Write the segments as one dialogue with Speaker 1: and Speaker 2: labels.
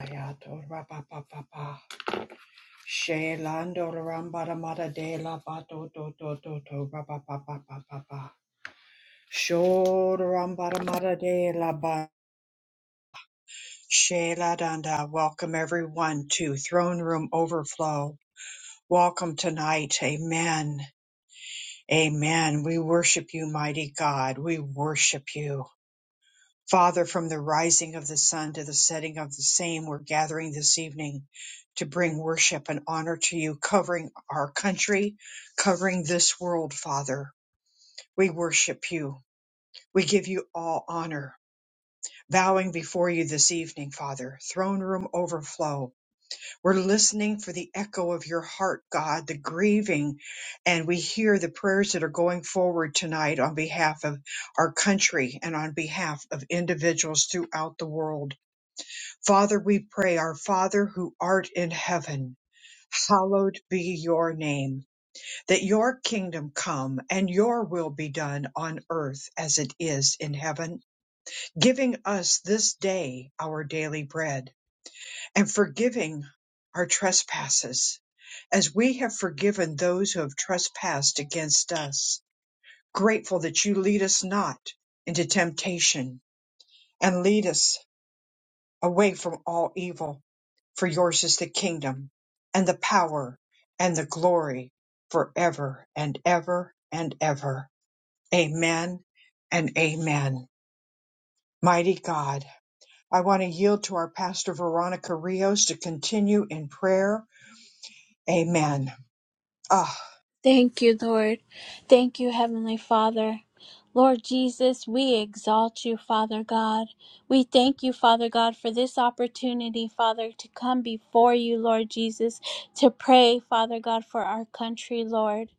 Speaker 1: Ayato rapa pa She lando ramba mada de la ba do do do do rapa pa pa pa pa mada de la ba. She la danda. Welcome everyone to Throne Room Overflow. Welcome tonight. Amen. Amen. We worship you, mighty God. We worship you. Father, from the rising of the sun to the setting of the same, we're gathering this evening to bring worship and honor to you, covering our country, covering this world, Father. We worship you. We give you all honor, bowing before you this evening, Father. Throne room overflow. We're listening for the echo of your heart, God, the grieving, and we hear the prayers that are going forward tonight on behalf of our country and on behalf of individuals throughout the world. Father, we pray, our Father who art in heaven, hallowed be your name, that your kingdom come and your will be done on earth as it is in heaven, giving us this day our daily bread and forgiving our trespasses as we have forgiven those who have trespassed against us. Grateful that you lead us not into temptation and lead us away from all evil. For yours is the kingdom and the power and the glory forever and ever and ever. Amen and amen. Mighty God, I want to yield to our pastor Veronica Rios to continue in prayer. Amen. Ah,
Speaker 2: Thank you, Lord. Thank you, Heavenly Father. Lord Jesus, we exalt you, Father God. We thank you, Father God, for this opportunity, Father, to come before you, Lord Jesus, to pray, Father God, for our country, Lord.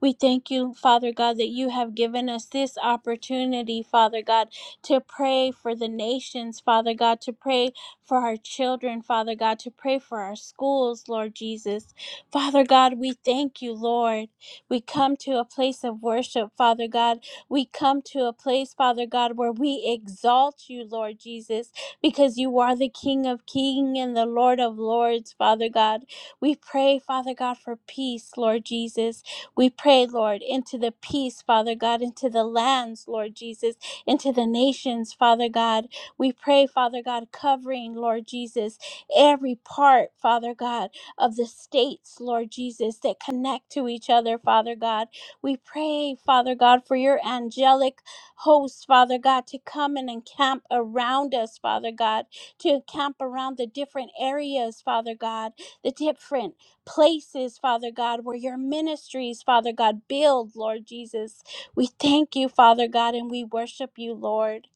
Speaker 2: We thank you, Father God, that you have given us this opportunity, Father God, to pray for the nations, Father God, to pray for our children, Father God, to pray for our schools, Lord Jesus. Father God, we thank you, Lord. We come to a place of worship, Father God. We come to a place, Father God, where we exalt you, Lord Jesus, because you are the King of Kings and the Lord of Lords, Father God. We pray, Father God, for peace, Lord Jesus. We pray, Lord, into the peace, Father God, into the lands, Lord Jesus, into the nations, Father God. We pray, Father God, covering, Lord Jesus, every part, Father God of the states, Lord Jesus, that connect to each other, Father God. We pray, Father God, for your angelic hosts, Father God, to come and encamp around us, Father God, to encamp around the different areas, Father God, the different places, Father God, where your ministries, Father God, build, Lord Jesus. We thank you, Father God, and we worship you, Lord.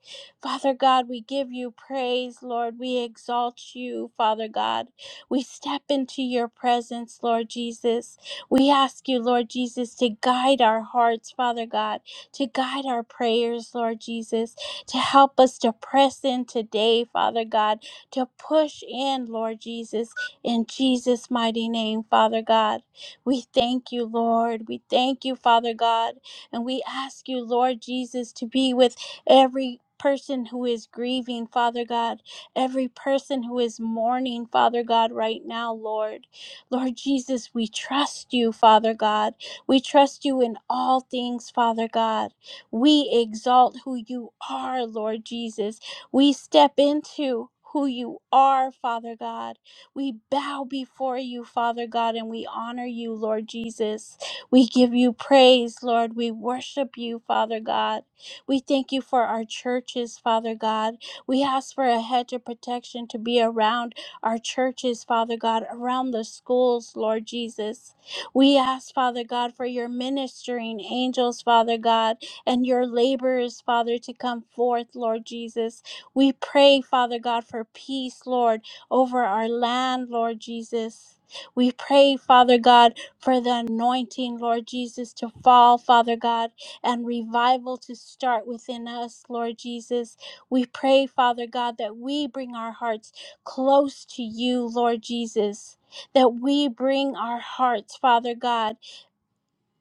Speaker 2: Father God, we give you praise, Lord. We exalt you, Father God. We step into your presence, Lord Jesus. We ask you, Lord Jesus, to guide our hearts, Father God, to guide our prayers, Lord Jesus, to help us to press in today, Father God, to push in, Lord Jesus, in Jesus' mighty name, Father God. We thank you, Lord. We thank you, Father God. And we ask you, Lord Jesus, to be with every person who is grieving, Father God every person who is mourning, Father God, right now, Lord. Lord Jesus, we trust you, Father God. We trust you in all things, Father God. We exalt who you are, Lord Jesus. We step into who you are, Father God. We bow before you, Father God, and we honor you, Lord Jesus. We give you praise, Lord. We worship you, Father God. We thank you for our churches, Father God. We ask for a hedge of protection to be around our churches, Father God, around the schools, Lord Jesus. We ask, Father God, for your ministering angels, Father God, and your laborers, Father, to come forth, Lord Jesus. We pray, Father God, for peace, Lord, over our land, Lord Jesus. We pray, Father God, for the anointing, Lord Jesus, to fall, Father God, and revival to start within us, Lord Jesus. We pray, Father God, that we bring our hearts close to you, Lord Jesus, that we bring our hearts, Father God,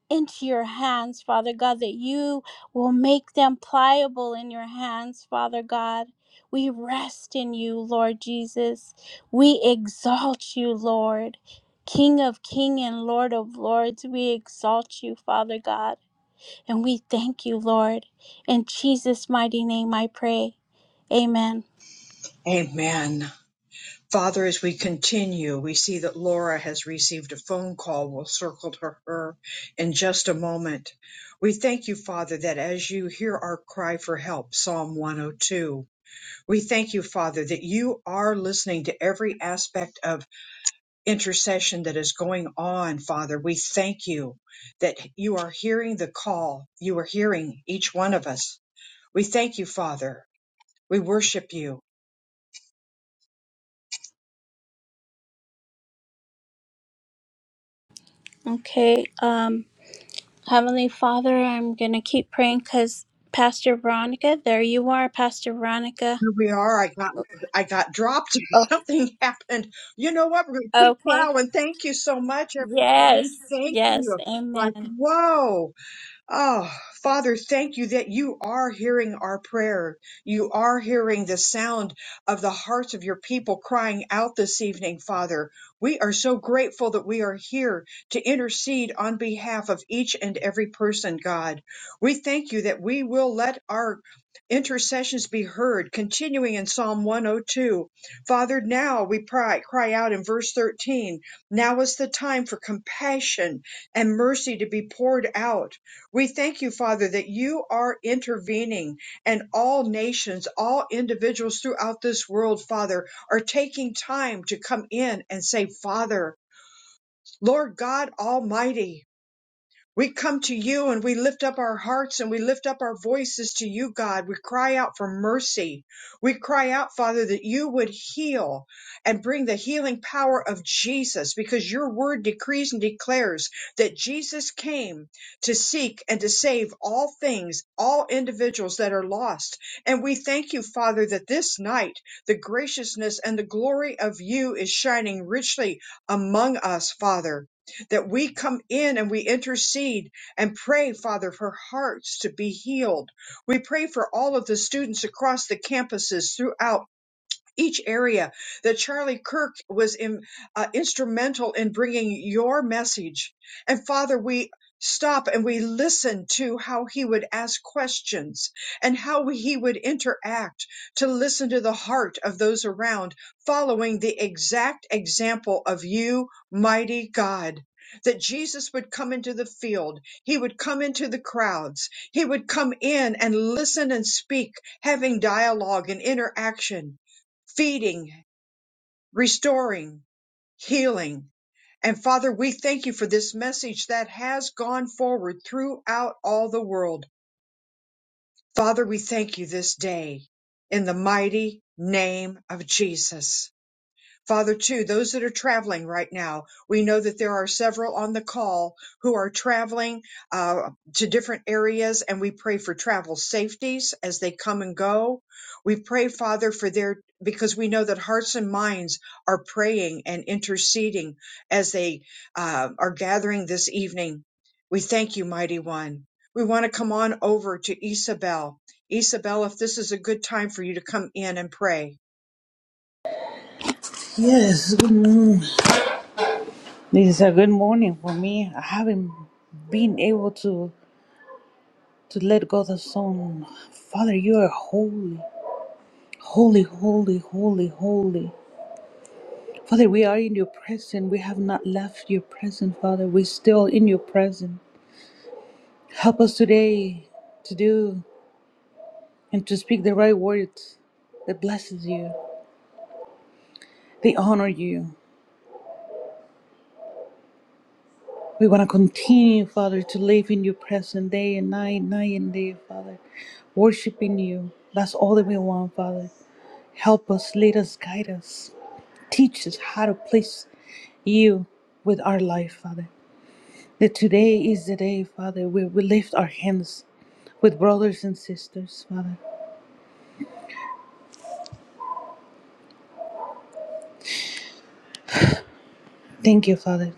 Speaker 2: into your hands, Father God, that you will make them pliable in your hands, Father God. We rest in you, Lord Jesus. We exalt you, Lord. King of King and Lord of Lords, we exalt you, Father God, and we thank you, Lord. In Jesus' mighty name I pray. Amen.
Speaker 1: amen. Father, as we continue, we see that Laura has received a phone call. We'll circle to her in just a moment. We thank you, Father, that as you hear our cry for help, Psalm 102, we thank you, Father, that you are listening to every aspect of intercession that is going on, Father. We thank you that you are hearing the call. You are hearing each one of us. We thank you, Father. We worship you.
Speaker 2: Okay, um, Heavenly Father, I'm gonna keep praying because Pastor Veronica, there you are, Pastor Veronica.
Speaker 1: Here we are. I got I got dropped or
Speaker 2: Oh,
Speaker 1: something happened. You know what? We're gonna keep
Speaker 2: okay.
Speaker 1: plowing. Thank you so much, everybody.
Speaker 2: Yes,
Speaker 1: Thank
Speaker 2: yes,
Speaker 1: you. Like,
Speaker 2: amen.
Speaker 1: whoa. Oh, Father, thank you that you are hearing our prayer. You are hearing the sound of the hearts of your people crying out this evening, Father. We are so grateful that we are here to intercede on behalf of each and every person, God. We thank you that we will let our intercessions be heard, continuing in Psalm 102. Father, now we cry, cry out in verse 13. Now is the time for compassion and mercy to be poured out we thank you, Father, that you are intervening and all nations, all individuals throughout this world, Father, are taking time to come in and say, Father, Lord God Almighty, we come to you and we lift up our hearts and we lift up our voices to you, God. We cry out for mercy. We cry out, Father, that you would heal and bring the healing power of Jesus because your word decrees and declares that Jesus came to seek and to save all things, all individuals that are lost. And we thank you, Father, that this night the graciousness and the glory of you is shining richly among us, Father that we come in and we intercede and pray, Father, for hearts to be healed. We pray for all of the students across the campuses throughout each area that Charlie Kirk was in, uh, instrumental in bringing your message. And Father, we stop and we listen to how he would ask questions and how he would interact to listen to the heart of those around, following the exact example of you, mighty God. That Jesus would come into the field, he would come into the crowds, he would come in and listen and speak, having dialogue and interaction feeding, restoring, healing. And Father, we thank you for this message that has gone forward throughout all the world. Father, we thank you this day in the mighty name of Jesus. Father, too, those that are traveling right now, we know that there are several on the call who are traveling uh, to different areas, and we pray for travel safeties as they come and go. We pray, Father, for their because we know that hearts and minds are praying and interceding as they uh, are gathering this evening. We thank you, Mighty One. We want to come on over to Isabel. Isabel, if this is a good time for you to come in and pray.
Speaker 3: Yes, good morning. This is a good morning for me. I haven't been able to to let go the song. Father, you are holy, holy, holy, holy, holy. Father, we are in your presence. We have not left your presence, Father. We're still in your presence. Help us today to do and to speak the right words that blesses you, they honor you. We want to continue, Father, to live in your presence day and night, night and day, Father, worshiping you. That's all that we want, Father. Help us, lead us, guide us, teach us how to please you with our life, Father. That today is the day, Father, where we lift our hands with brothers and sisters, Father. Thank you, Father.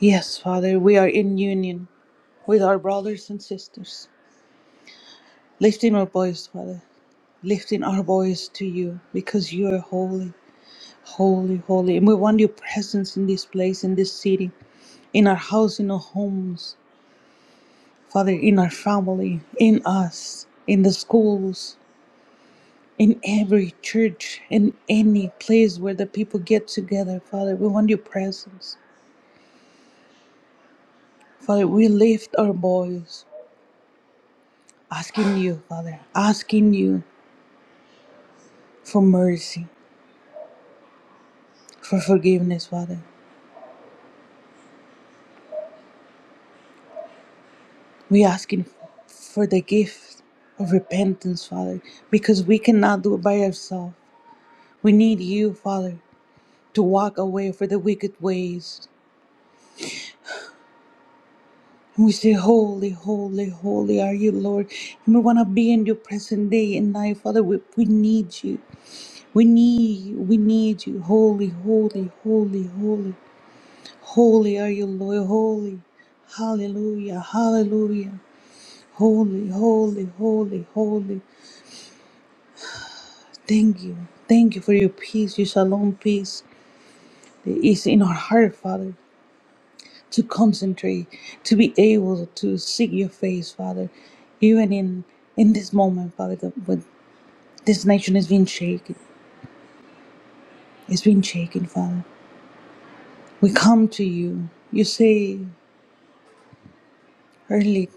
Speaker 3: Yes, Father, we are in union with our brothers and sisters, lifting our voice, Father. lifting our voice to you because you are holy, holy, holy. And we want your presence in this place, in this city, in our house, in our homes, Father, in our family, in us, in the schools, in every church, in any place where the people get together, Father. We want your presence. Father, we lift our voice, asking you, Father, asking you for mercy, for forgiveness, Father. We asking for the gift of repentance, Father, because we cannot do it by ourselves. We need you, Father, to walk away from the wicked ways. And we say, Holy, holy, holy are you, Lord. And we want to be in your presence day and night, Father. We, we need you. We need you. We need you. Holy, holy, holy, holy. Holy are you, Lord. Holy. Hallelujah. Hallelujah. Holy, holy, holy, holy. Thank you. Thank you for your peace, your shalom peace that is in our heart, Father, to concentrate, to be able to seek your face, Father, even in in this moment, Father, that when this nation is being shaken. it's been shaken, Father. We come to you. You say early,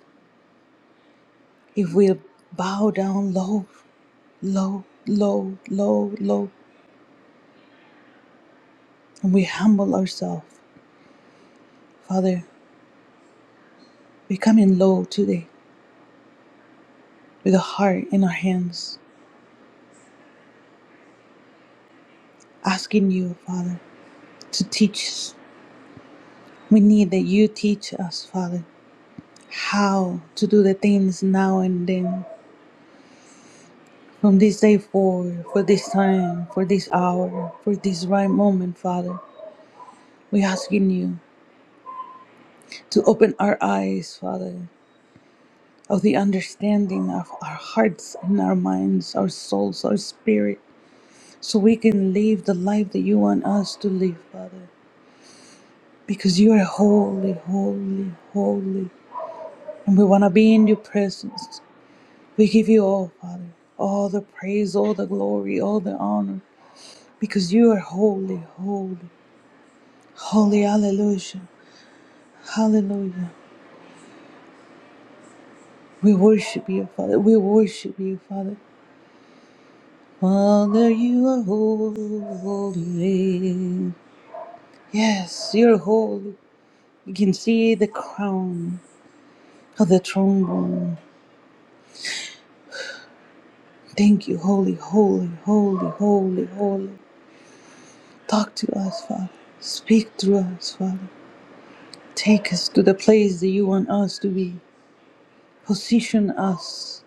Speaker 3: if we bow down low, low, low, low, low, and we humble ourselves, Father, we're coming low today with a heart in our hands asking you, Father, to teach us. We need that you teach us, Father, how to do the things now and then, from this day forward, for this time, for this hour, for this right moment, Father. we asking you to open our eyes, Father, of the understanding of our hearts and our minds, our souls, our spirit, so we can live the life that you want us to live, Father. Because you are holy, holy, holy. And we want to be in your presence. We give you all, Father, all the praise, all the glory, all the honor, because you are holy, holy, holy. Hallelujah. Hallelujah. We worship you, Father. We worship you, Father. Father, you are holy. Yes, you're holy. You can see the crown of the throne room. Thank you, holy, holy, holy, holy, holy. Talk to us, Father. Speak through us, Father. Take us to the place that you want us to be. Position us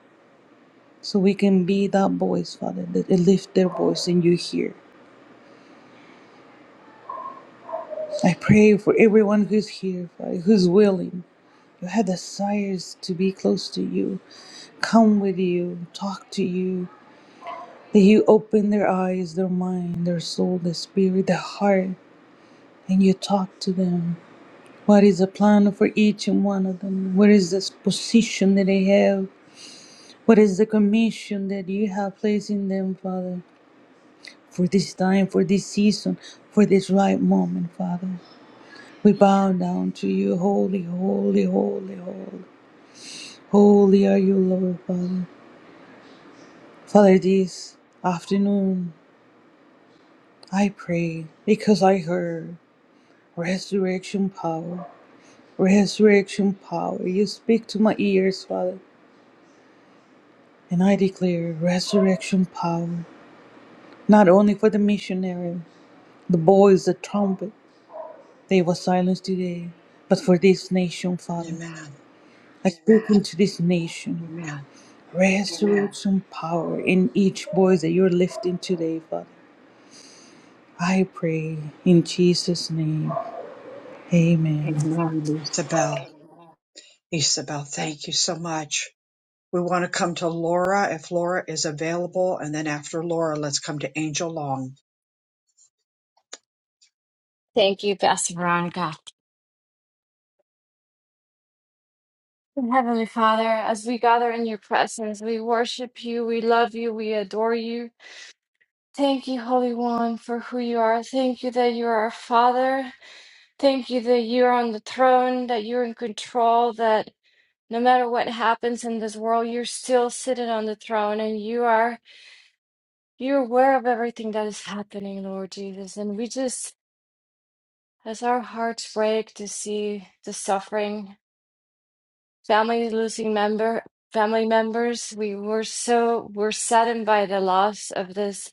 Speaker 3: so we can be that voice, Father, that lift their voice and you hear. I pray for everyone who's here, Father, who's willing, who had desires to be close to you, come with you, talk to you, that you open their eyes, their mind, their soul, their spirit, their heart, and you talk to them. What is the plan for each and one of them? What is this position that they have? What is the commission that you have placed in them, Father, for this time, for this season, for this right moment, Father? We bow down to you, holy, holy, holy, holy. Holy are you, Lord, Father. Father, this afternoon I pray because I heard resurrection power, resurrection power. You speak to my ears, Father, and I declare resurrection power, not only for the missionary, the boys, the trumpet. They was silenced today, but for this nation, Father,
Speaker 1: Amen.
Speaker 3: I speak into this nation.
Speaker 1: Amen.
Speaker 3: Resurrect some power in each voice that you're lifting today, Father. I pray in Jesus' name. Amen.
Speaker 1: Amen, Isabel. Isabel, thank you so much. We want to come to Laura if Laura is available, and then after Laura, let's come to Angel Long.
Speaker 4: Thank you, Pastor Veronica. Heavenly Father, as we gather in your presence, we worship you, we love you, we adore you. Thank you, Holy One, for who you are. Thank you that you are our Father. Thank you that you're on the throne, that you're in control, that no matter what happens in this world, you're still sitting on the throne and you are you're aware of everything that is happening, Lord Jesus. And we just as our hearts break to see the suffering family losing member family members we were so were saddened by the loss of this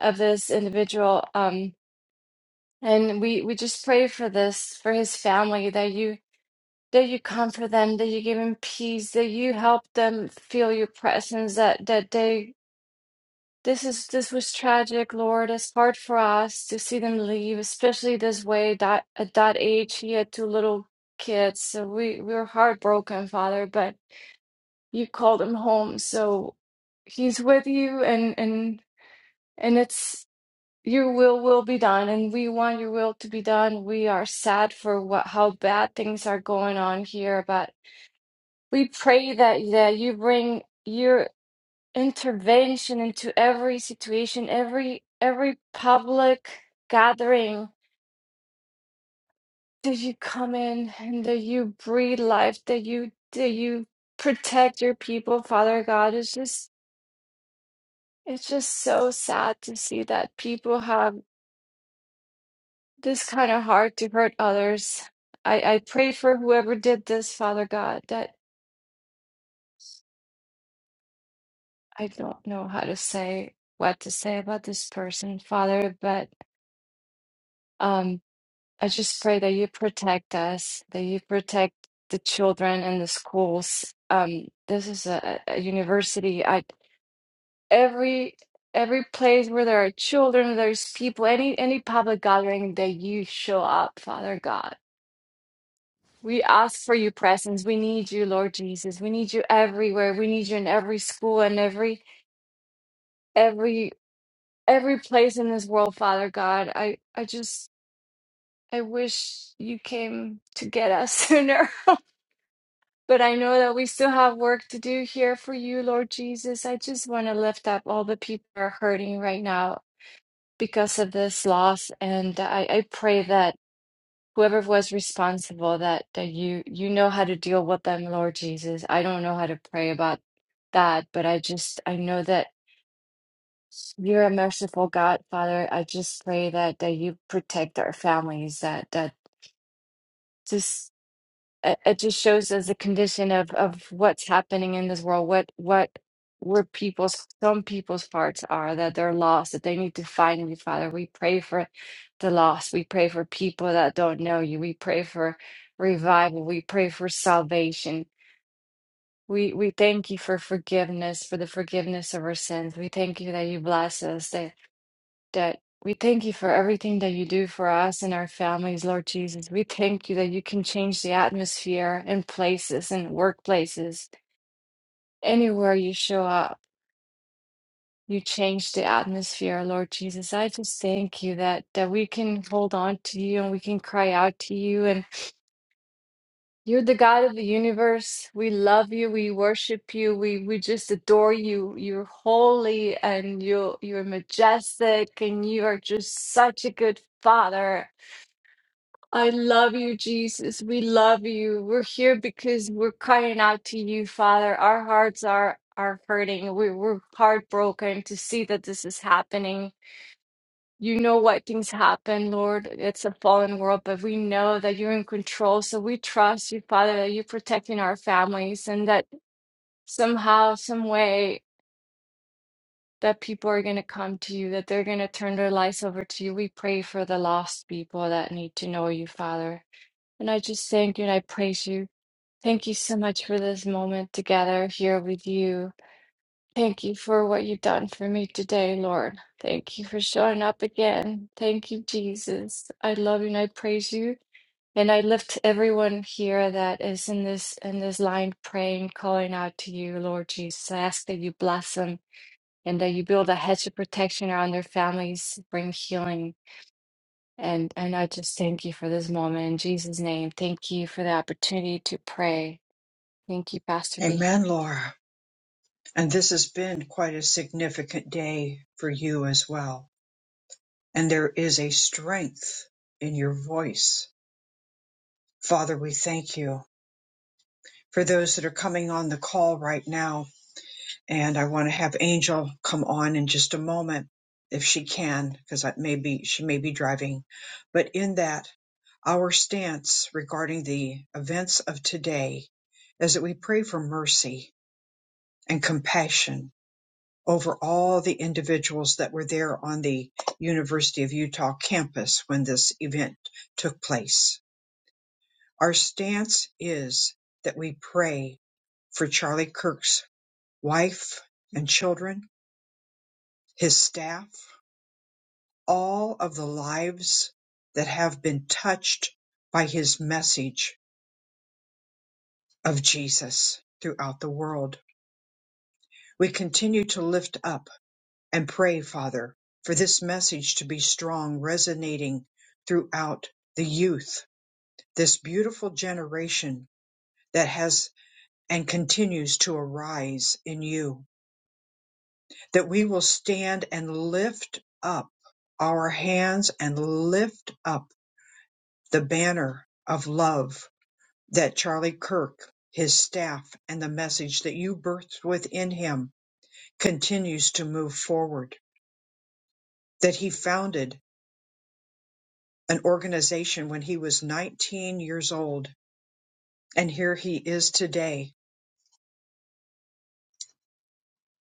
Speaker 4: of this individual um and we we just pray for this for his family that you that you comfort them that you give him peace that you help them feel your presence that that they this is this was tragic lord it's hard for us to see them leave especially this way that at that age he had two little kids so we we were heartbroken father but you called him home so he's with you and and and it's your will will be done and we want your will to be done we are sad for what how bad things are going on here but we pray that that you bring your intervention into every situation every every public gathering that you come in and that you breathe life that you that you protect your people father god it's just It's just so sad to see that people have this kind of heart to hurt others. I, I pray for whoever did this, Father God, that I don't know how to say what to say about this person, Father, but um, I just pray that you protect us, that you protect the children and the schools. Um, this is a, a university. I every every place where there are children, there's people, any any public gathering that you show up, Father God We ask for your presence. We need you, Lord Jesus. We need you everywhere. We need you in every school and every every every place in this world, Father God. I I just I wish you came to get us sooner. But I know that we still have work to do here for you, Lord Jesus. I just want to lift up all the people who are hurting right now because of this loss. And I, I pray that. whoever was responsible that that you you know how to deal with them lord jesus i don't know how to pray about that but i just i know that you're a merciful god father i just pray that that you protect our families that that just it it just shows us the condition of of what's happening in this world what what where people's some people's hearts are that they're lost that they need to find you father we pray for the lost we pray for people that don't know you we pray for revival we pray for salvation we we thank you for forgiveness for the forgiveness of our sins we thank you that you bless us that that we thank you for everything that you do for us and our families, Lord Jesus. We thank you that you can change the atmosphere in places and workplaces. Anywhere you show up, you change the atmosphere, Lord Jesus. I just thank you that that we can hold on to you and we can cry out to you and you're the God of the universe. We love you. We worship you. We we just adore you. You're holy and you you're majestic and you are just such a good father I love you, Jesus. We love you. We're here because we're crying out to you, Father. Our hearts are are hurting. We, we're heartbroken to see that this is happening. You know why things happen, Lord. It's a fallen world, but we know that you're in control. So we trust you, Father, that you're protecting our families and that somehow, some way, that people are going to come to you, that they're going to turn their lives over to you. We pray for the lost people that need to know you, Father. And I just thank you and I praise you. Thank you so much for this moment together here with you. Thank you for what you've done for me today, Lord. Thank you for showing up again. Thank you, Jesus. I love you and I praise you. And I lift everyone here that is in this in this line praying, calling out to you, Lord Jesus. I ask that you bless them and that you build a hedge of protection around their families, bring healing. And and I just thank you for this moment in Jesus' name. Thank you for the opportunity to pray. Thank you, Pastor B.
Speaker 1: Amen, Laura. And this has been quite a significant day for you as well. And there is a strength in your voice. Father, we thank you for those that are coming on the call right now. and I want to have Angel come on in just a moment if she can, because maybe she may be driving. But in that, our stance regarding the events of today is that we pray for mercy and compassion over all the individuals that were there on the University of Utah campus when this event took place. Our stance is that we pray for Charlie Kirk's wife and children his staff, all of the lives that have been touched by his message of Jesus throughout the world. We continue to lift up and pray, Father, for this message to be strong, resonating throughout the youth, this beautiful generation that has and continues to arise in you, that we will stand and lift up our hands and lift up the banner of love that Charlie Kirk, his staff, and the message that you birthed within him continues to move forward. That he founded an organization when he was 19 years old, and here he is today,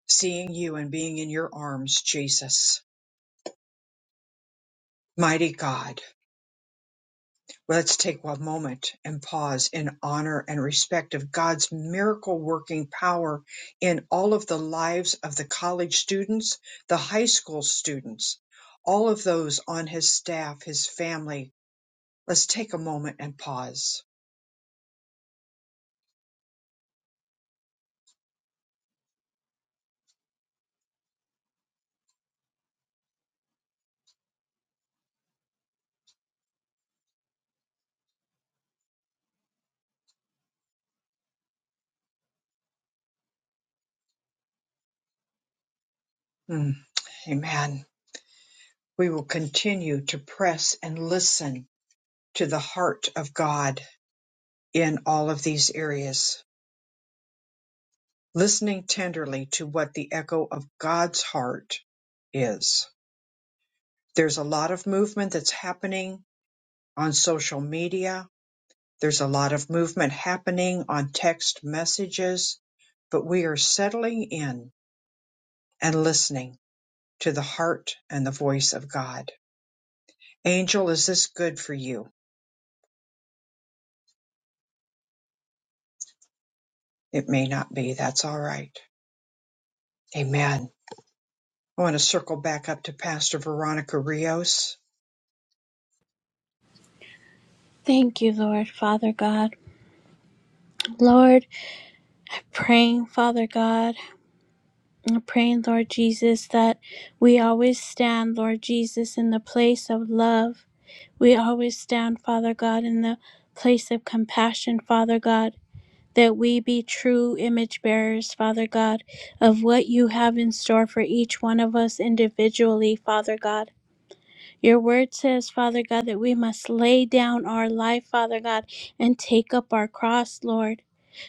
Speaker 1: seeing you and being in your arms, Jesus. Mighty God. Let's take a moment and pause in honor and respect of God's miracle working power in all of the lives of the college students, the high school students, all of those on his staff, his family. Let's take a moment and pause. Mm, amen. We will continue to press and listen to the heart of God in all of these areas, listening tenderly to what the echo of God's heart is. There's a lot of movement that's happening on social media. There's a lot of movement happening on text messages, but we are settling in and listening to the heart and the voice of God. Angel, is this good for you? It may not be. That's all right. Amen. I want to circle back up to Pastor Veronica Rios.
Speaker 2: Thank you, Lord, Father God. Lord, I'm praying, Father God, I'm praying, Lord Jesus, that we always stand, Lord Jesus, in the place of love. We always stand, Father God, in the place of compassion, Father God. that we be true image bearers, Father God, of what you have in store for each one of us individually, Father God. Your word says, Father God, that we must lay down our life, Father God, and take up our cross, Lord.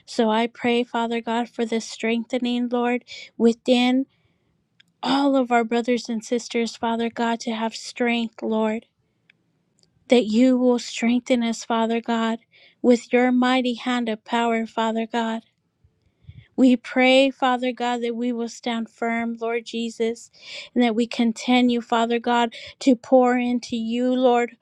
Speaker 2: So I pray, Father God, for the strengthening, Lord, within all of our brothers and sisters, Father God, to have strength, Lord, that you will strengthen us, Father God, with your mighty hand of power, Father God. We pray, Father God, that we will stand firm, Lord Jesus, and that we continue, Father God, to pour into you, Lord.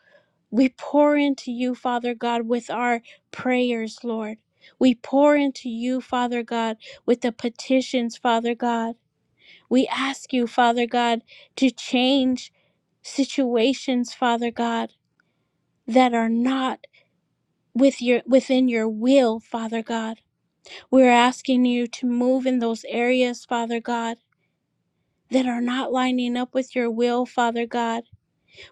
Speaker 2: We pour into you, Father God, with our prayers, Lord. We pour into you, Father God, with the petitions, Father God. We ask you, Father God, to change situations, Father God, that are not with your within your will, Father God. We're asking you to move in those areas, Father God. that are not lining up with your will, Father God.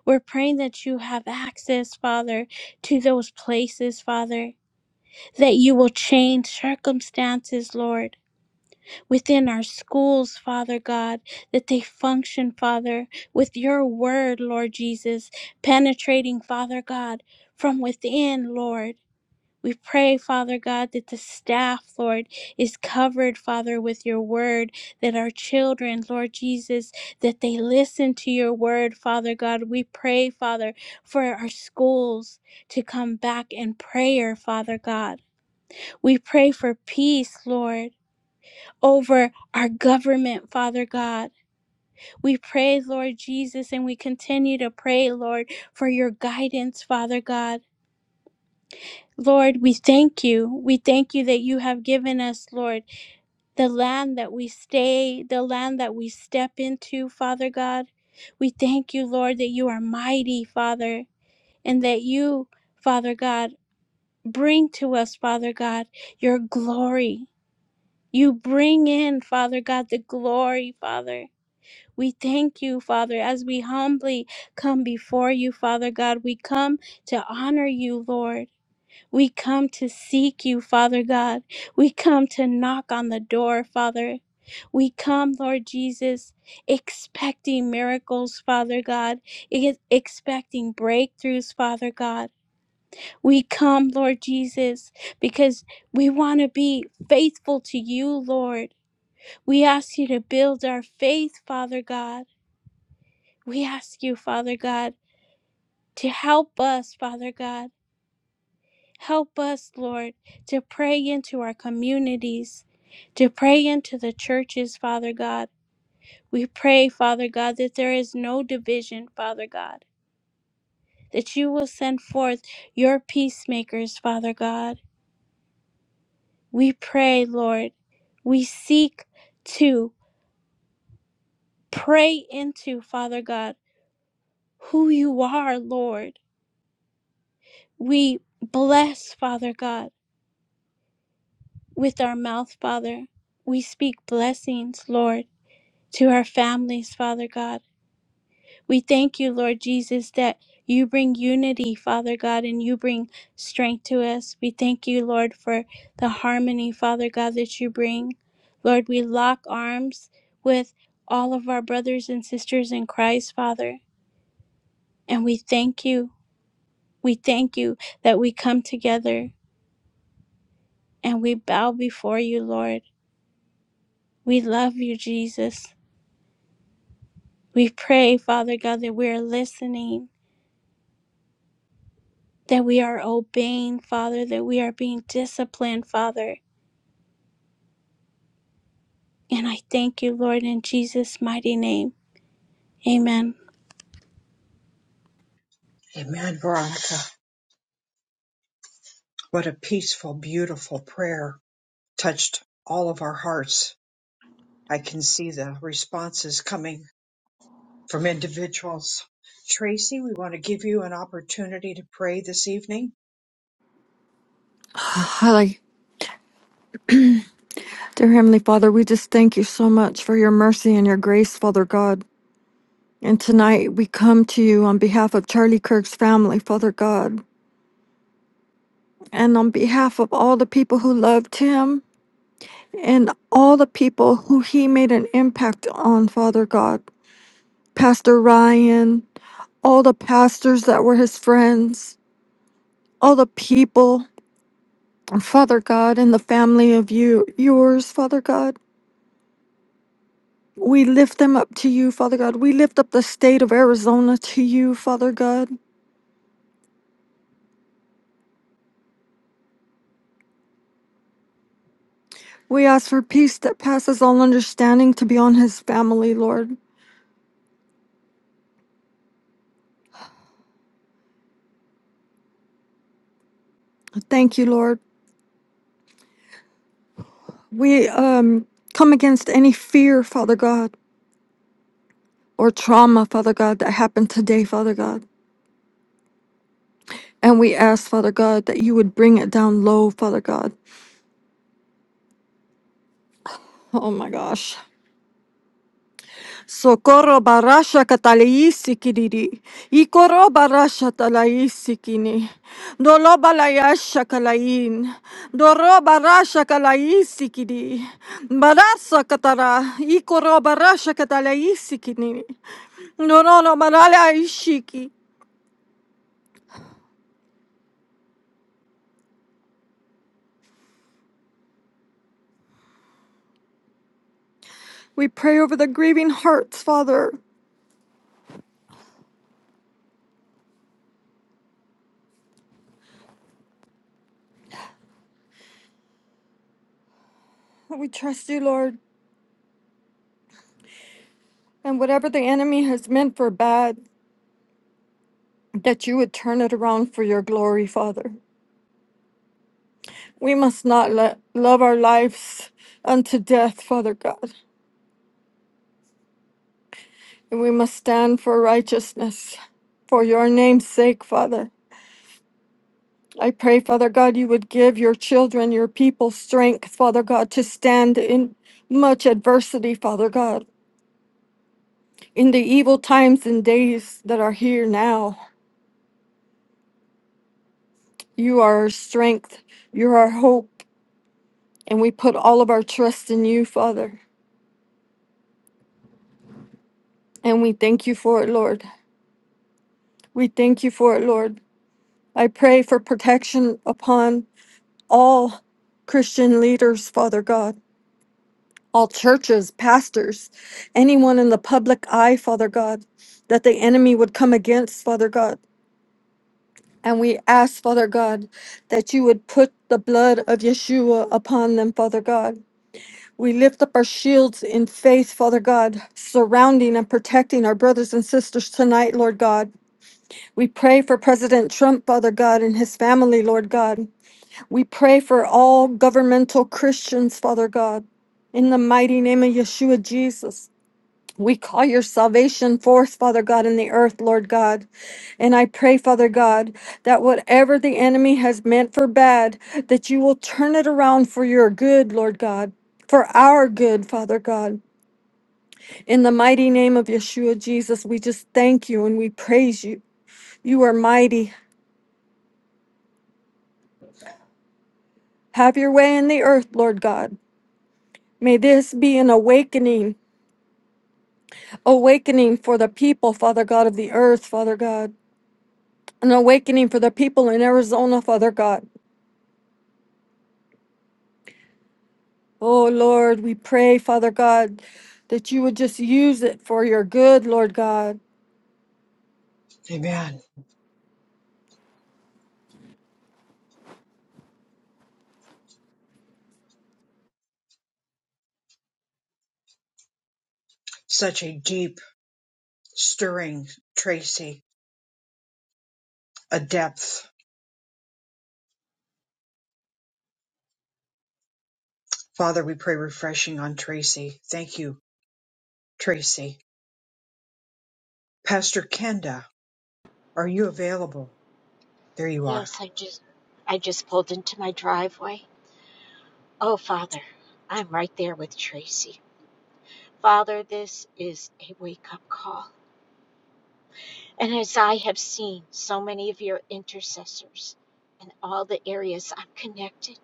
Speaker 2: We're praying that you have access, Father, to those places, Father, that you will change circumstances, Lord, within our schools, Father God, that they function, Father, with your word, Lord Jesus, penetrating, Father God, from within, Lord. We pray, Father God, that the staff, Lord, is covered, Father, with your word, that our children, Lord Jesus, that they listen to your word, Father God. We pray, Father, for our schools to come back in prayer, Father God. We pray for peace, Lord, over our government, Father God. We pray, Lord Jesus, and we continue to pray, Lord, for your guidance, Father God. Lord, we thank you. We thank you that you have given us, Lord, the land that we stay, the land that we step into, Father God. We thank you, Lord, that you are mighty, Father, and that you, Father God, bring to us, Father God, your glory. You bring in, Father God, the glory, Father. We thank you, Father, as we humbly come before you, Father God. We come to honor you, Lord. We come to seek you, Father God. We come to knock on the door, Father. We come, Lord Jesus, expecting miracles, Father God, e- expecting breakthroughs, Father God. We come, Lord Jesus, because we want to be faithful to you, Lord. We ask you to build our faith, Father God. We ask you, Father God, to help us, Father God. Help us, Lord, to pray into our communities, to pray into the churches, Father God. We pray, Father God, that there is no division, Father God, that you will send forth your peacemakers, Father God. We pray, Lord. We seek to pray into, Father God, who you are, Lord. We bless, Father God, with our mouth, Father. We speak blessings, Lord. to our families, Father God. We thank you, Lord Jesus, that you bring unity, Father God, and you bring strength to us. We thank you, Lord, for the harmony, Father God, that you bring. Lord, we lock arms with all of our brothers and sisters in Christ, Father, and we thank you. We thank you that we come together and we bow before you, Lord. We love you, Jesus. We pray, Father God, that we are listening that we are obeying, Father, that we are being disciplined, Father. And I thank you, Lord, in Jesus' mighty name. Amen.
Speaker 1: Amen, Veronica. What a peaceful, beautiful prayer touched all of our hearts. I can see the responses coming from individuals. Tracy, we want to give you an opportunity to pray this evening.
Speaker 5: Holy, dear Heavenly Father, we just thank you so much for your mercy and your grace, Father God. And tonight we come to you on behalf of Charlie Kirk's family, Father God, and on behalf of all the people who loved him and all the people who he made an impact on, Father God. Pastor Ryan, all the pastors that were his friends, all the people, Father God, and the family of you, yours, Father God. We lift them up to you, Father God. We lift up the state of Arizona to you, Father God. We ask for peace that passes all understanding to be on his family, Lord. Thank you, Lord. We um come against any fear, Father God, or trauma, Father God, that happened today, Father God. And we ask, Father God, that you would bring it down low, Father God. Oh my gosh. Socorro barasha katalaisi kiriri. Ikoro barasha talaisi kini. Dolo balayasha kalain. Doro barasha kalaisi kiri. Barasa katara. Ikoro barasha katalaisi kini. Doro no barala ishiki. We pray over the grieving hearts, Father. We trust you, Lord. And whatever the enemy has meant for bad, that you would turn it around for your glory, Father. We must not let love our lives unto death, Father God, and we must stand for righteousness for your name's sake, Father. I pray, Father God, you would give your children, your people strength, Father God, to stand in much adversity, Father God, in the evil times and days that are here now. You are our strength, you're our hope, and we put all of our trust in you, Father. And we thank you for it, Lord. We thank you for it, Lord. I pray for protection upon all Christian leaders, Father God, all churches, pastors, anyone in the public eye, Father God, that the enemy would come against, Father God. And we ask, Father God, that you would put the blood of Yeshua upon them, Father God. We lift up our shields in faith, Father God, surrounding and protecting our brothers and sisters tonight, Lord God. We pray for President Trump, Father God, and his family, Lord God. We pray for all governmental Christians, Father God, in the mighty name of Yeshua Jesus. We call your salvation forth, Father God, in the earth, Lord God. And I pray, Father God, that whatever the enemy has meant for bad, that you will turn it around for your good, Lord God, for our good, Father God. In the mighty name of Yeshua Jesus, we just thank you and we praise you. You are mighty. Have your way in the earth, Lord God. May this be an awakening awakening for the people, Father God of the earth, Father God, an awakening for the people in Arizona, Father God. Oh Lord, we pray, Father God, that you would just use it for your good, Lord God.
Speaker 1: Amen. Such a deep, stirring Tracy, a depth. Father, we pray refreshing on Tracy. Thank you, Tracy. Pastor Kenda, are you available? There you are.
Speaker 6: Yes, I just I just pulled into my driveway. Oh, Father, I'm right there with Tracy. Father, this is a wake-up call. And as I have seen so many of your intercessors in all the areas I'm connected,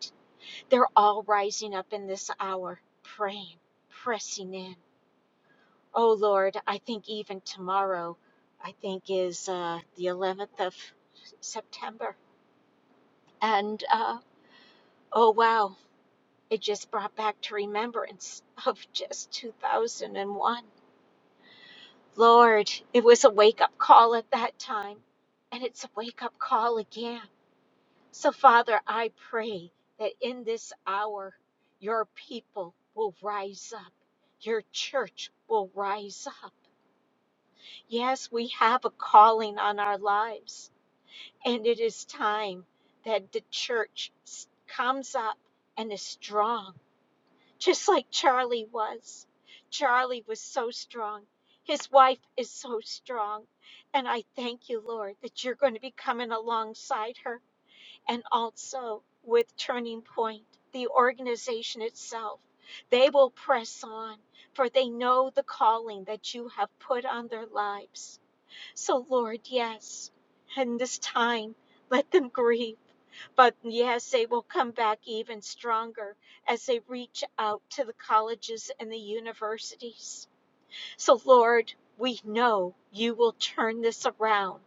Speaker 6: they're all rising up in this hour, praying, pressing in. Oh Lord, I think even tomorrow, I think is uh, the 11th of September. And uh, oh wow, It just brought back to remembrance of just 2001. Lord, it was a wake up call at that time, and it's a wake up call again. So, Father, I pray that in this hour, your people will rise up, your church will rise up. Yes, we have a calling on our lives, and it is time that the church s- comes up and is strong just like Charlie was. Charlie was so strong. His wife is so strong. And I thank you, Lord, that you're going to be coming alongside her and also with Turning Point, the organization itself. They will press on, for they know the calling that you have put on their lives. So, Lord, yes, in this time, let them grieve. But yes, they will come back even stronger as they reach out to the colleges and the universities. So, Lord, we know you will turn this around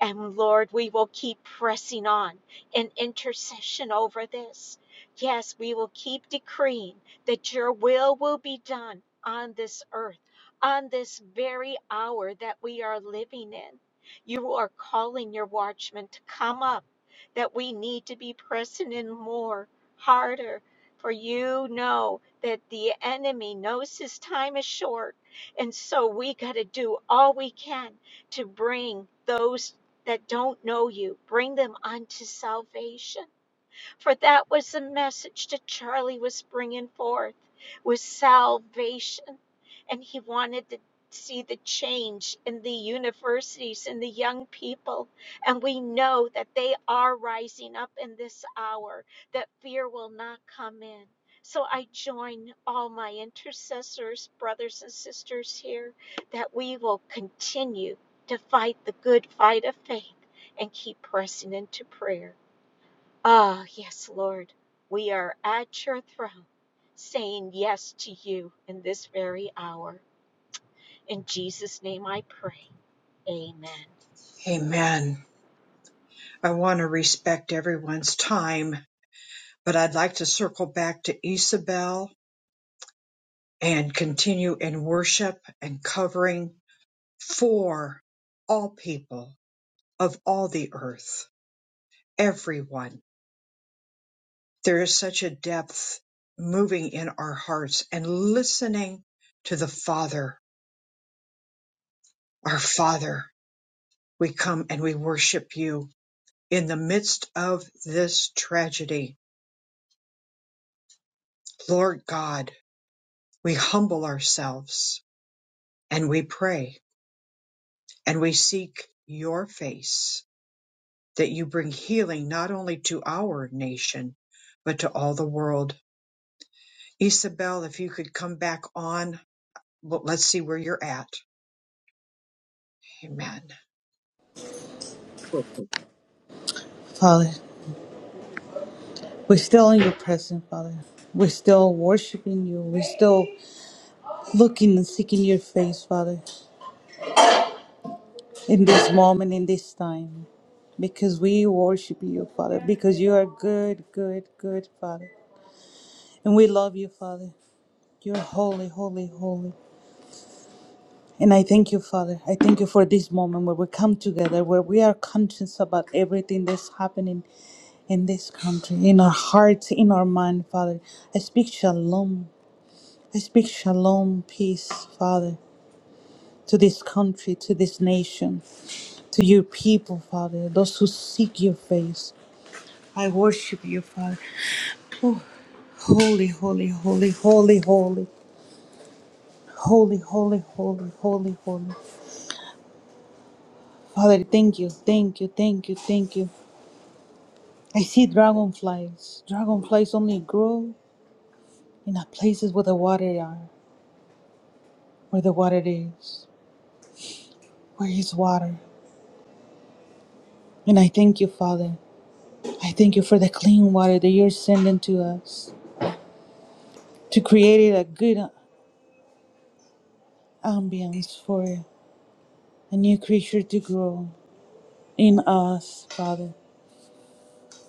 Speaker 6: and Lord, we will keep pressing on in intercession over this. Yes, we will keep decreeing that your will will be done on this earth, on this very hour that we are living in. You are calling your watchmen to come up, that we need to be pressing in more, harder. For you know that the enemy knows his time is short. And so we got to do all we can to bring those that don't know you. Bring them unto salvation for that was the message that Charlie was bringing forth was salvation and he wanted to see the change in the universities and the young people and we know that they are rising up in this hour that fear will not come in so i join all my intercessors brothers and sisters here that we will continue to fight the good fight of faith and keep pressing into prayer Ah, yes, Lord, we are at your throne saying yes to you in this very hour. In Jesus' name I pray. Amen.
Speaker 1: Amen. I want to respect everyone's time, but I'd like to circle back to Isabel and continue in worship and covering for all people of all the earth, everyone. There is such a depth moving in our hearts and listening to the Father, our Father. We come and we worship you in the midst of this tragedy. Lord God, we humble ourselves and we pray and we seek your face that you bring healing not only to our nation, but to all the world. Isabel, if you could come back on well, let's see where you're at. Amen.
Speaker 3: Father, we're still in your presence, Father. We're still worshiping you. We're still looking and seeking your face, Father, in this moment, in this time. Because we worship you, Father. Because you are good, good, good, Father. And we love you, Father. You're holy, holy, holy. And I thank you, Father. I thank you for this moment where we come together, where we are conscious about everything that's happening in this country, in our hearts, in our mind, Father. I speak shalom. I speak shalom, peace, Father, to this country, to this nation, to your people, Father, those who seek your face. I worship you, Father. Oh, holy, holy, holy, holy, holy, holy, holy, holy, holy, holy, holy. Father, thank you, thank you, thank you, thank you. I see dragonflies. Dragonflies only grow in the places where the water are, where the water is, where is water. And I thank you, Father. I thank you for the clean water that you're sending to us to create a good ambience for a new creature to grow in us, Father.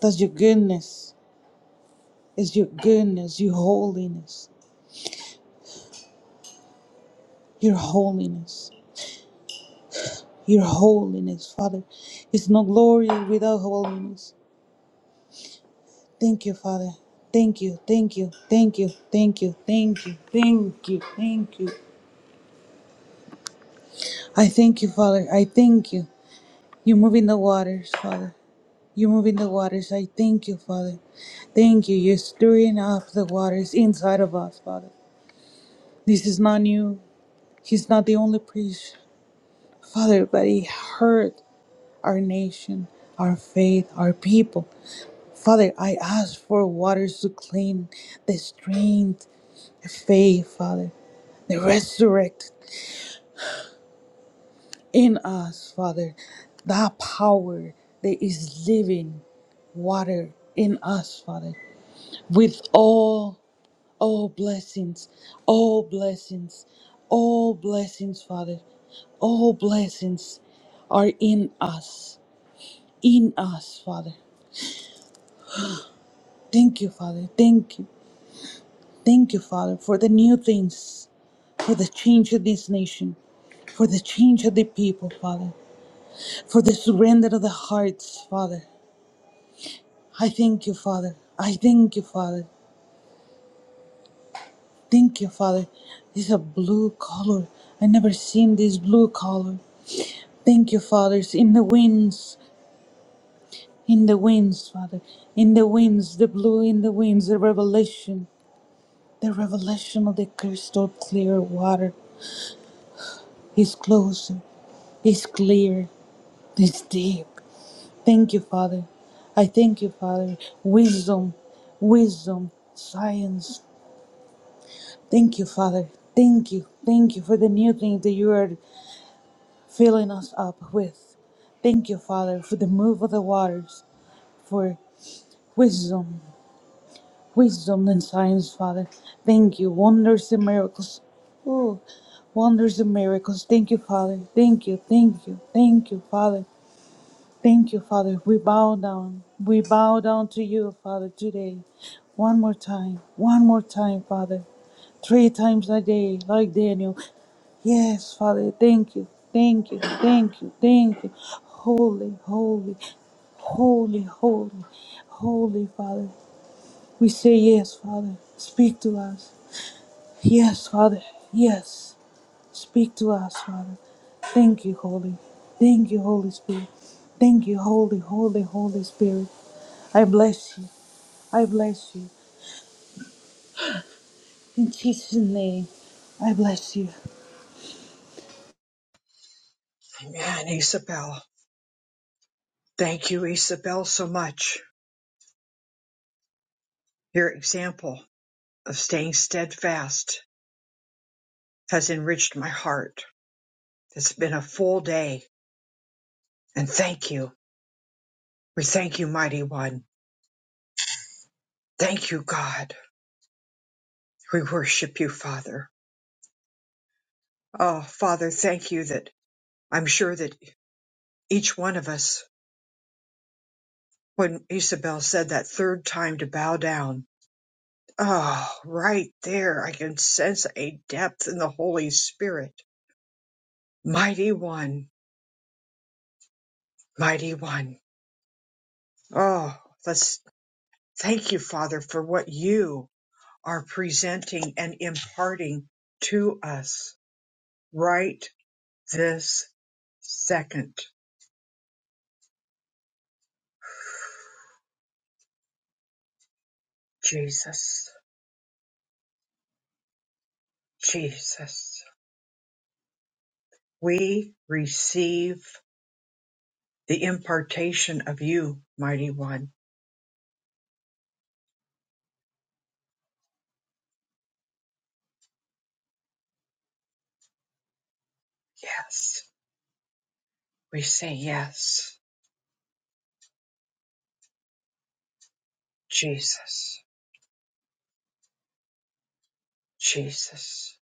Speaker 3: That's your goodness, It's your goodness, your holiness, your holiness. your holiness, Father. It's no glory without holiness. Thank you, Father. Thank you, thank you, thank you, thank you, thank you, thank you, thank you. I thank you, Father. I thank you. You're moving the waters, Father. You're moving the waters. I thank you, Father. Thank you. You're stirring up the waters inside of us, Father. This is not new. He's not the only priest, Father, but it hurt. our nation, our faith, our people. Father, I ask for waters to clean the strength, the faith, Father, the resurrect in us, Father, that power that is living water in us, Father, with all, all blessings, all blessings, all blessings, Father, all blessings are in us, in us, Father. Thank you, Father. Thank you. Thank you, Father, for the new things, for the change of this nation, for the change of the people, Father, for the surrender of the hearts, Father. I thank you, Father. I thank you, Father. Thank you, Father. This is a blue color. I never seen this blue color. Thank you, fathers, in the winds, in the winds, Father, in the winds, the blue in the winds, the revelation, the revelation of the crystal clear water is closer. It's clear. It's deep. Thank you, Father. I thank you, Father. Wisdom, wisdom, science. Thank you, Father. Thank you. Thank you for the new thing that you are filling us up with. Thank you, Father, for the move of the waters, for wisdom, wisdom and science, Father. Thank you. Wonders and miracles. Oh, wonders and miracles. Thank you, Father. Thank you. Thank you. Thank you, Father. Thank you, Father. We bow down. We bow down to you, Father, today. One more time. One more time, Father. Three times a day, like Daniel. Yes, Father. Thank you. Thank you. Thank you. Thank you. Holy, holy, holy, holy, holy, Father. We say yes, Father. Speak to us. Yes, Father. Yes. Speak to us, Father. Thank you, Holy. Thank you, Holy Spirit. Thank you, Holy, Holy, Holy Spirit. I bless you. I bless you. In Jesus' name, I bless you.
Speaker 1: Amen, Isabel. Thank you, Isabel, so much. Your example of staying steadfast has enriched my heart. It's been a full day, and thank you. We thank you, Mighty One. Thank you, God. We worship you, Father. Oh, Father, thank you that I'm sure that each one of us, when Isabel said that third time to bow down, Oh, right there, I can sense a depth in the Holy Spirit. Mighty One, Mighty One. Oh, let's thank you, Father, for what you are presenting and imparting to us right this second. Jesus, Jesus, we receive the impartation of you, Mighty One. Yes, we say yes, Jesus. Jesus,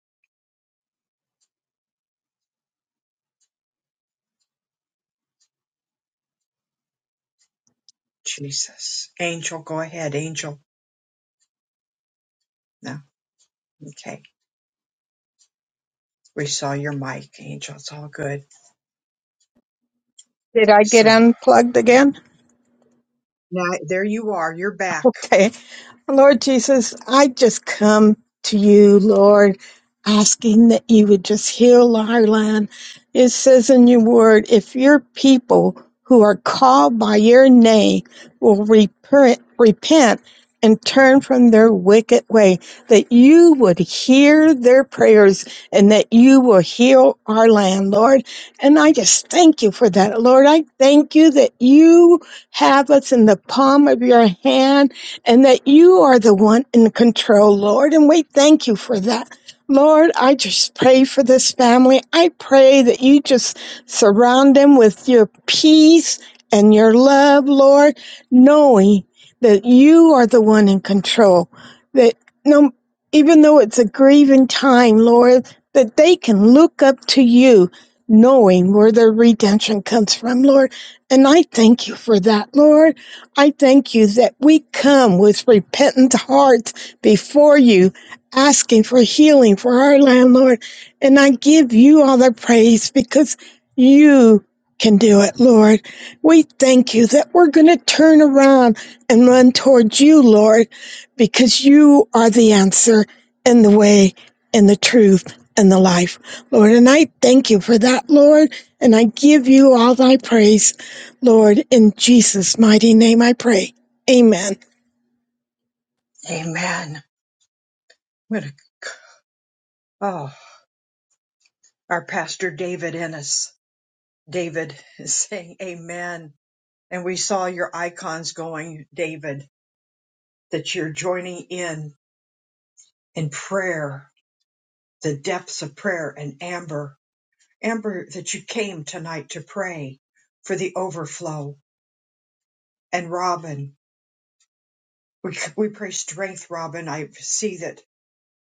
Speaker 1: Jesus. Angel, go ahead, Angel. No, okay. We saw your mic, Angel. It's all good.
Speaker 7: Did I get
Speaker 1: So
Speaker 7: unplugged again?
Speaker 1: now there you are. You're back.
Speaker 7: Okay. Lord Jesus, I just come to you, Lord, asking that you would just heal our land. It says in your word, if your people who are called by your name will repent, repent and turn from their wicked way, that you would hear their prayers and that you will heal our land, Lord. And I just thank you for that, Lord. I thank you that you have us in the palm of your hand and that you are the one in control, Lord. And we thank you for that. Lord, I just pray for this family. I pray that you just surround them with your peace and your love, Lord, knowing that you are the one in control. That no, even though it's a grieving time, Lord, that they can look up to you, knowing where their redemption comes from, Lord. And I thank you for that, Lord. I thank you that we come with repentant hearts before you, asking for healing for our landlord. And I give you all the praise because you can do it, Lord. We thank you that we're going to turn around and run towards you, Lord, because you are the answer and the way and the truth and the life, Lord. And I thank you for that, Lord. And I give you all thy praise. Lord, in Jesus' mighty name I pray. Amen.
Speaker 1: Amen. What a, oh, our pastor David Ennis. David is saying amen. And we saw your icons going, David, that you're joining in in prayer, the depths of prayer. And Amber, Amber, that you came tonight to pray for the overflow and Robin. We, we pray strength, Robin. I see that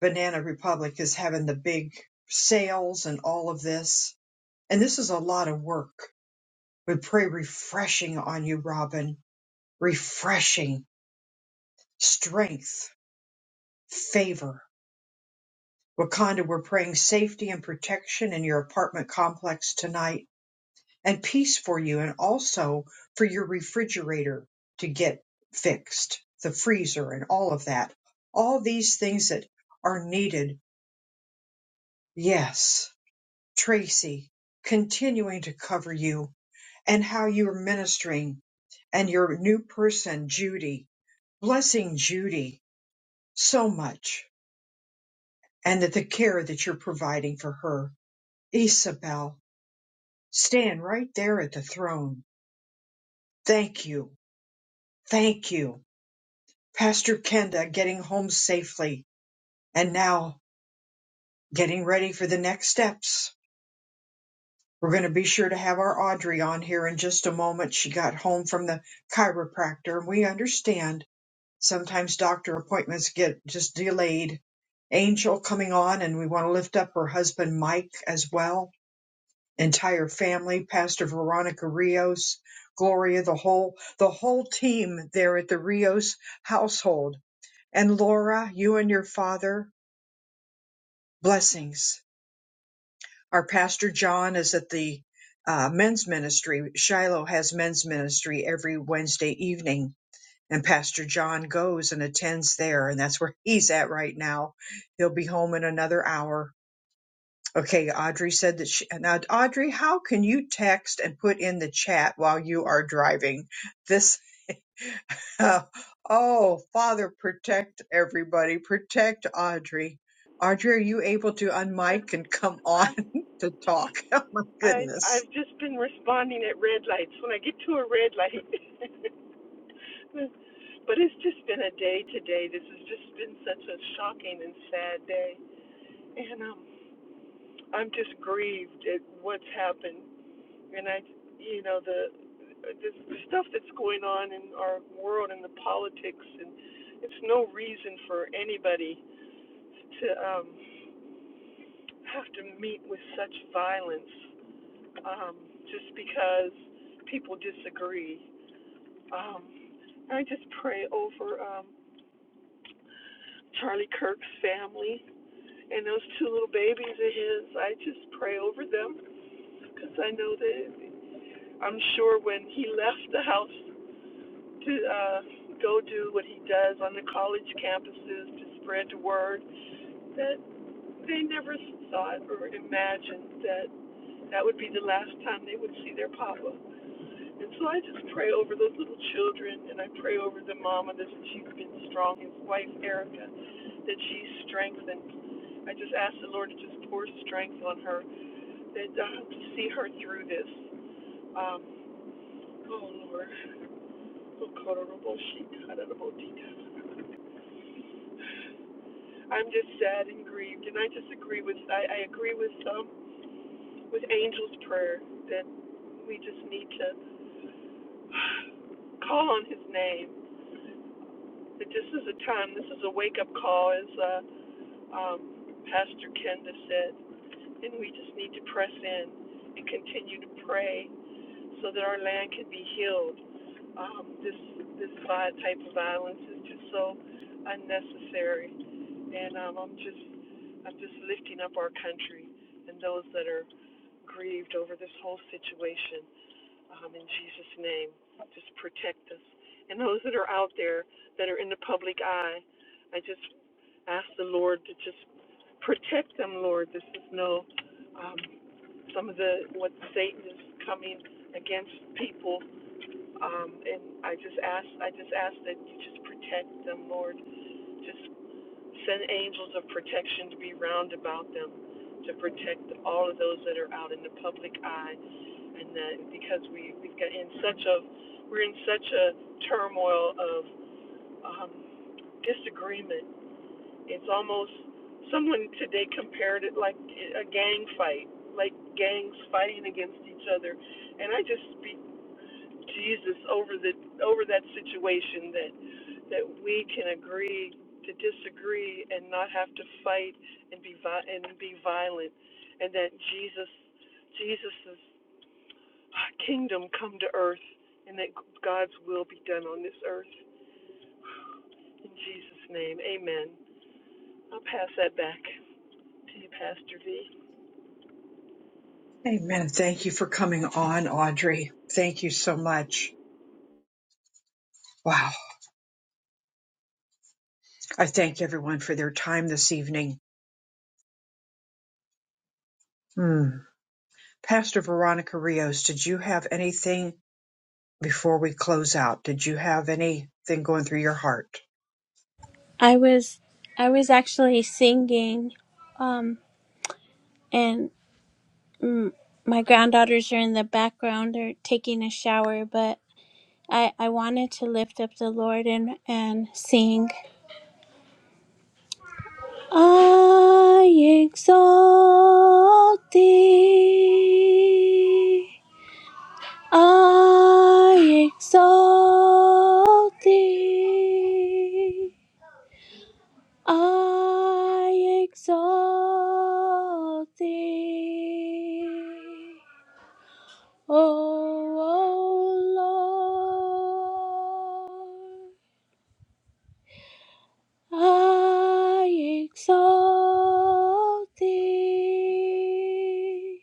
Speaker 1: Banana Republic is having the big sales and all of this. And this is a lot of work. We pray refreshing on you, Robin. Refreshing, strength, favor. Wakanda, we're praying safety and protection in your apartment complex tonight and peace for you and also for your refrigerator to get fixed, the freezer and all of that. All these things that are needed. Yes, Tracy, continuing to cover you and how you're ministering and your new person, Judy, blessing Judy so much and that the care that you're providing for her. Isabel, stand right there at the throne. Thank you. Thank you. Pastor Kenda getting home safely, and now getting ready for the next steps. We're going to be sure to have our Audrey on here in just a moment. She got home from the chiropractor, and we understand sometimes doctor appointments get just delayed. Angel coming on, and we want to lift up her husband Mike as well, entire family, Pastor Veronica Rios, Gloria, the whole the whole team there at the Rios household, and Laura, you and your father blessings. Our pastor John is at the uh, men's ministry. Shiloh has men's ministry every Wednesday evening, and Pastor John goes and attends there, and that's where he's at right now. He'll be home in another hour. Okay, Audrey said that she, now Audrey, how can you text and put in the chat while you are driving? This. Uh, oh, Father, protect everybody. Protect Audrey. Audrey, are you able to
Speaker 8: Yeah,
Speaker 1: unmic and come on
Speaker 8: I'm,
Speaker 1: to talk? Oh, my
Speaker 8: I've
Speaker 1: goodness.
Speaker 8: I've just been responding at red lights when I get to a red light. but it's just been a day today. This has just been such a shocking and sad day, and um, I'm just grieved at what's happened. And I, you know, the the stuff that's going on in our world and the politics, and it's no reason for anybody to um have to meet with such violence. um, just because people disagree. Um, I just pray over um, Charlie Kirk's family and those two little babies of his. I just pray over them because I know that I'm sure when he left the house to uh, go do what he does on the college campuses to spread the word, that they never thought or imagined that that would be the last time they would see their papa. And so I just pray over those little children and I pray over the mama that she's been strong, his wife Erica, that she's strengthened. I just ask the Lord to just pour strength on her, that uh, to see her through this. Um, oh Lord, I'm just sad and grieved, and I just agree with I, I agree with um, with Angel's prayer that we just need to call on His name But this is a time, this is a wake up call, as uh, um, Pastor Kenda said, and we just need to press in and continue to pray so that our land can be healed. Um, this this type of violence is just so unnecessary, and um, I'm just I'm just lifting up our country and those that are grieved over this whole situation. Um, in Jesus' name, just protect us and those that are out there that are in the public eye. I just ask the Lord to just protect them, Lord. This is no um, some of the what Satan is coming against people, um, and I just ask I just ask that you just protect them, Lord. Just send angels of protection to be round about them, to protect all of those that are out in the public eye, and that because we we've got in such a we're in such a turmoil of um, disagreement it's almost someone today compared it like a gang fight, like gangs fighting against each other. And I just speak Jesus over the over that situation that that we can agree to disagree and not have to fight and be vi- and be violent, and that Jesus Jesus's kingdom come to earth, and that God's will be done on this earth. In Jesus' name, Amen. I'll pass that back to you, Pastor V.
Speaker 1: Amen. Thank you for coming on, Audrey. Thank you so much. Wow. I thank everyone for their time this evening. Hmm. Pastor Veronica Rios, did you have anything before we close out? Did you have anything going through your heart?
Speaker 2: I was I was actually singing, um, and mm, my granddaughters are in the background. They're taking a shower, but I, I wanted to lift up the Lord and, and sing. I exalt thee. I exalt thee. I exalt thee. O oh Lord, I exalt thee.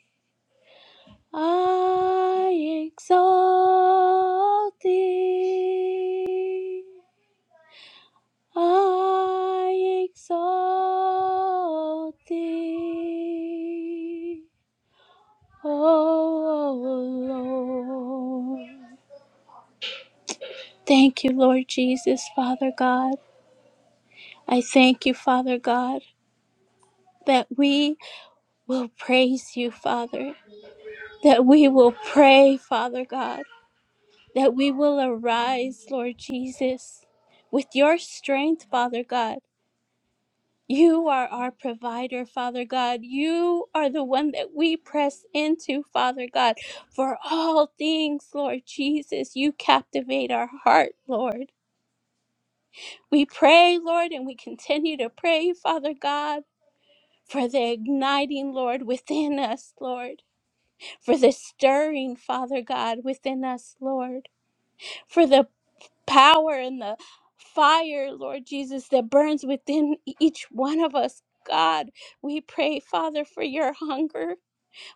Speaker 2: I exalt thee. I exalt thee, O Lord. Thank you, Lord Jesus, Father God. I thank you, Father God, that we will praise you, Father, that we will pray, Father God, that we will arise, Lord Jesus, with your strength, Father God. You are our provider, Father God. You are the one that we press into, Father God. For all things, Lord Jesus, you captivate our heart, Lord. We pray, Lord, and we continue to pray, Father God, for the igniting, Lord, within us, Lord. For the stirring, Father God, within us, Lord. For the power and the fire, Lord Jesus, that burns within e-, each one of us. God, we pray, Father, for your hunger.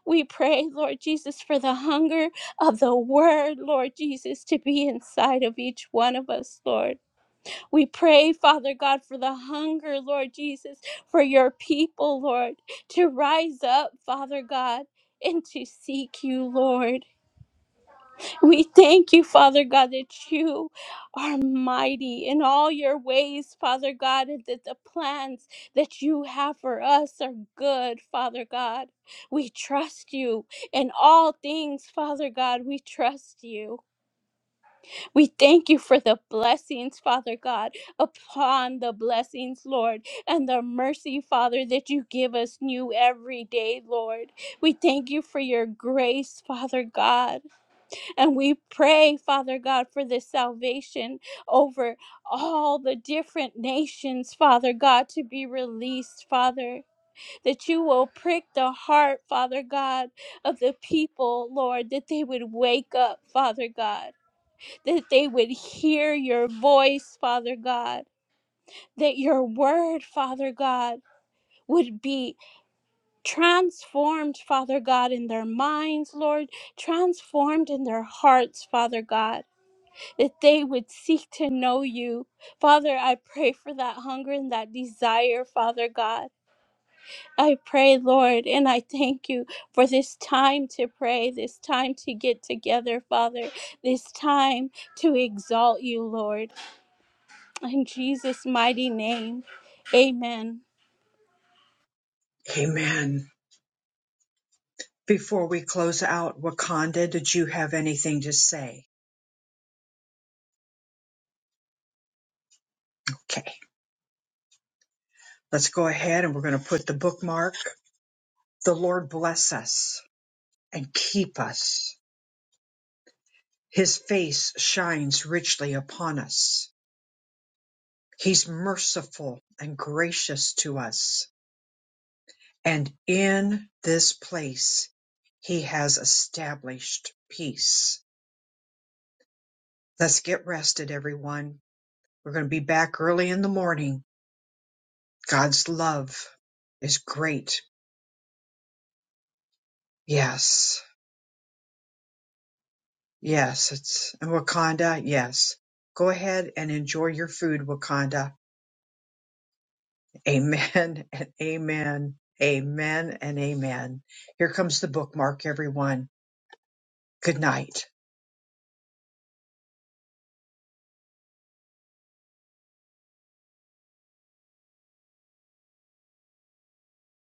Speaker 2: We pray, Lord Jesus, for the hunger of the word, Lord Jesus, to be inside of each one of us, Lord. We pray, Father God, for the hunger, Lord Jesus, for your people, Lord, to rise up, Father God, and to seek you, Lord. We thank you, Father God, that you are mighty in all your ways, Father God, and that the plans that you have for us are good, Father God. We trust you in all things, Father God. We trust you. We thank you for the blessings, Father God, upon the blessings, Lord, and the mercy, Father, that you give us new every day, Lord. We thank you for your grace, Father God. And we pray, Father God, for this salvation over all the different nations, Father God, to be released, Father. That you will prick the heart, Father God, of the people, Lord, that they would wake up, Father God, that they would hear your voice, Father God, that your word, Father God, would be transformed, Father God, in their minds, Lord, transformed in their hearts, Father God that they would seek to know you. Father, I pray for that hunger and that desire, Father God. I pray, Lord, and I thank you for this time to pray, this time to get together, Father, this time to exalt you, Lord. In Jesus' mighty name, amen.
Speaker 1: Amen. Before we close out, Wakanda, did you have anything to say? Okay, let's go ahead and we're going to put the bookmark. The Lord bless us and keep us. His face shines richly upon us. He's merciful and gracious to us. And in this place, he has established peace. Let's get rested, everyone. We're going to be back early in the morning. God's love is great. Yes. Yes, it's Wakanda. Yes. Go ahead and enjoy your food, Wakanda. Amen and amen. Amen and amen. Here comes the bookmark, everyone. Good night.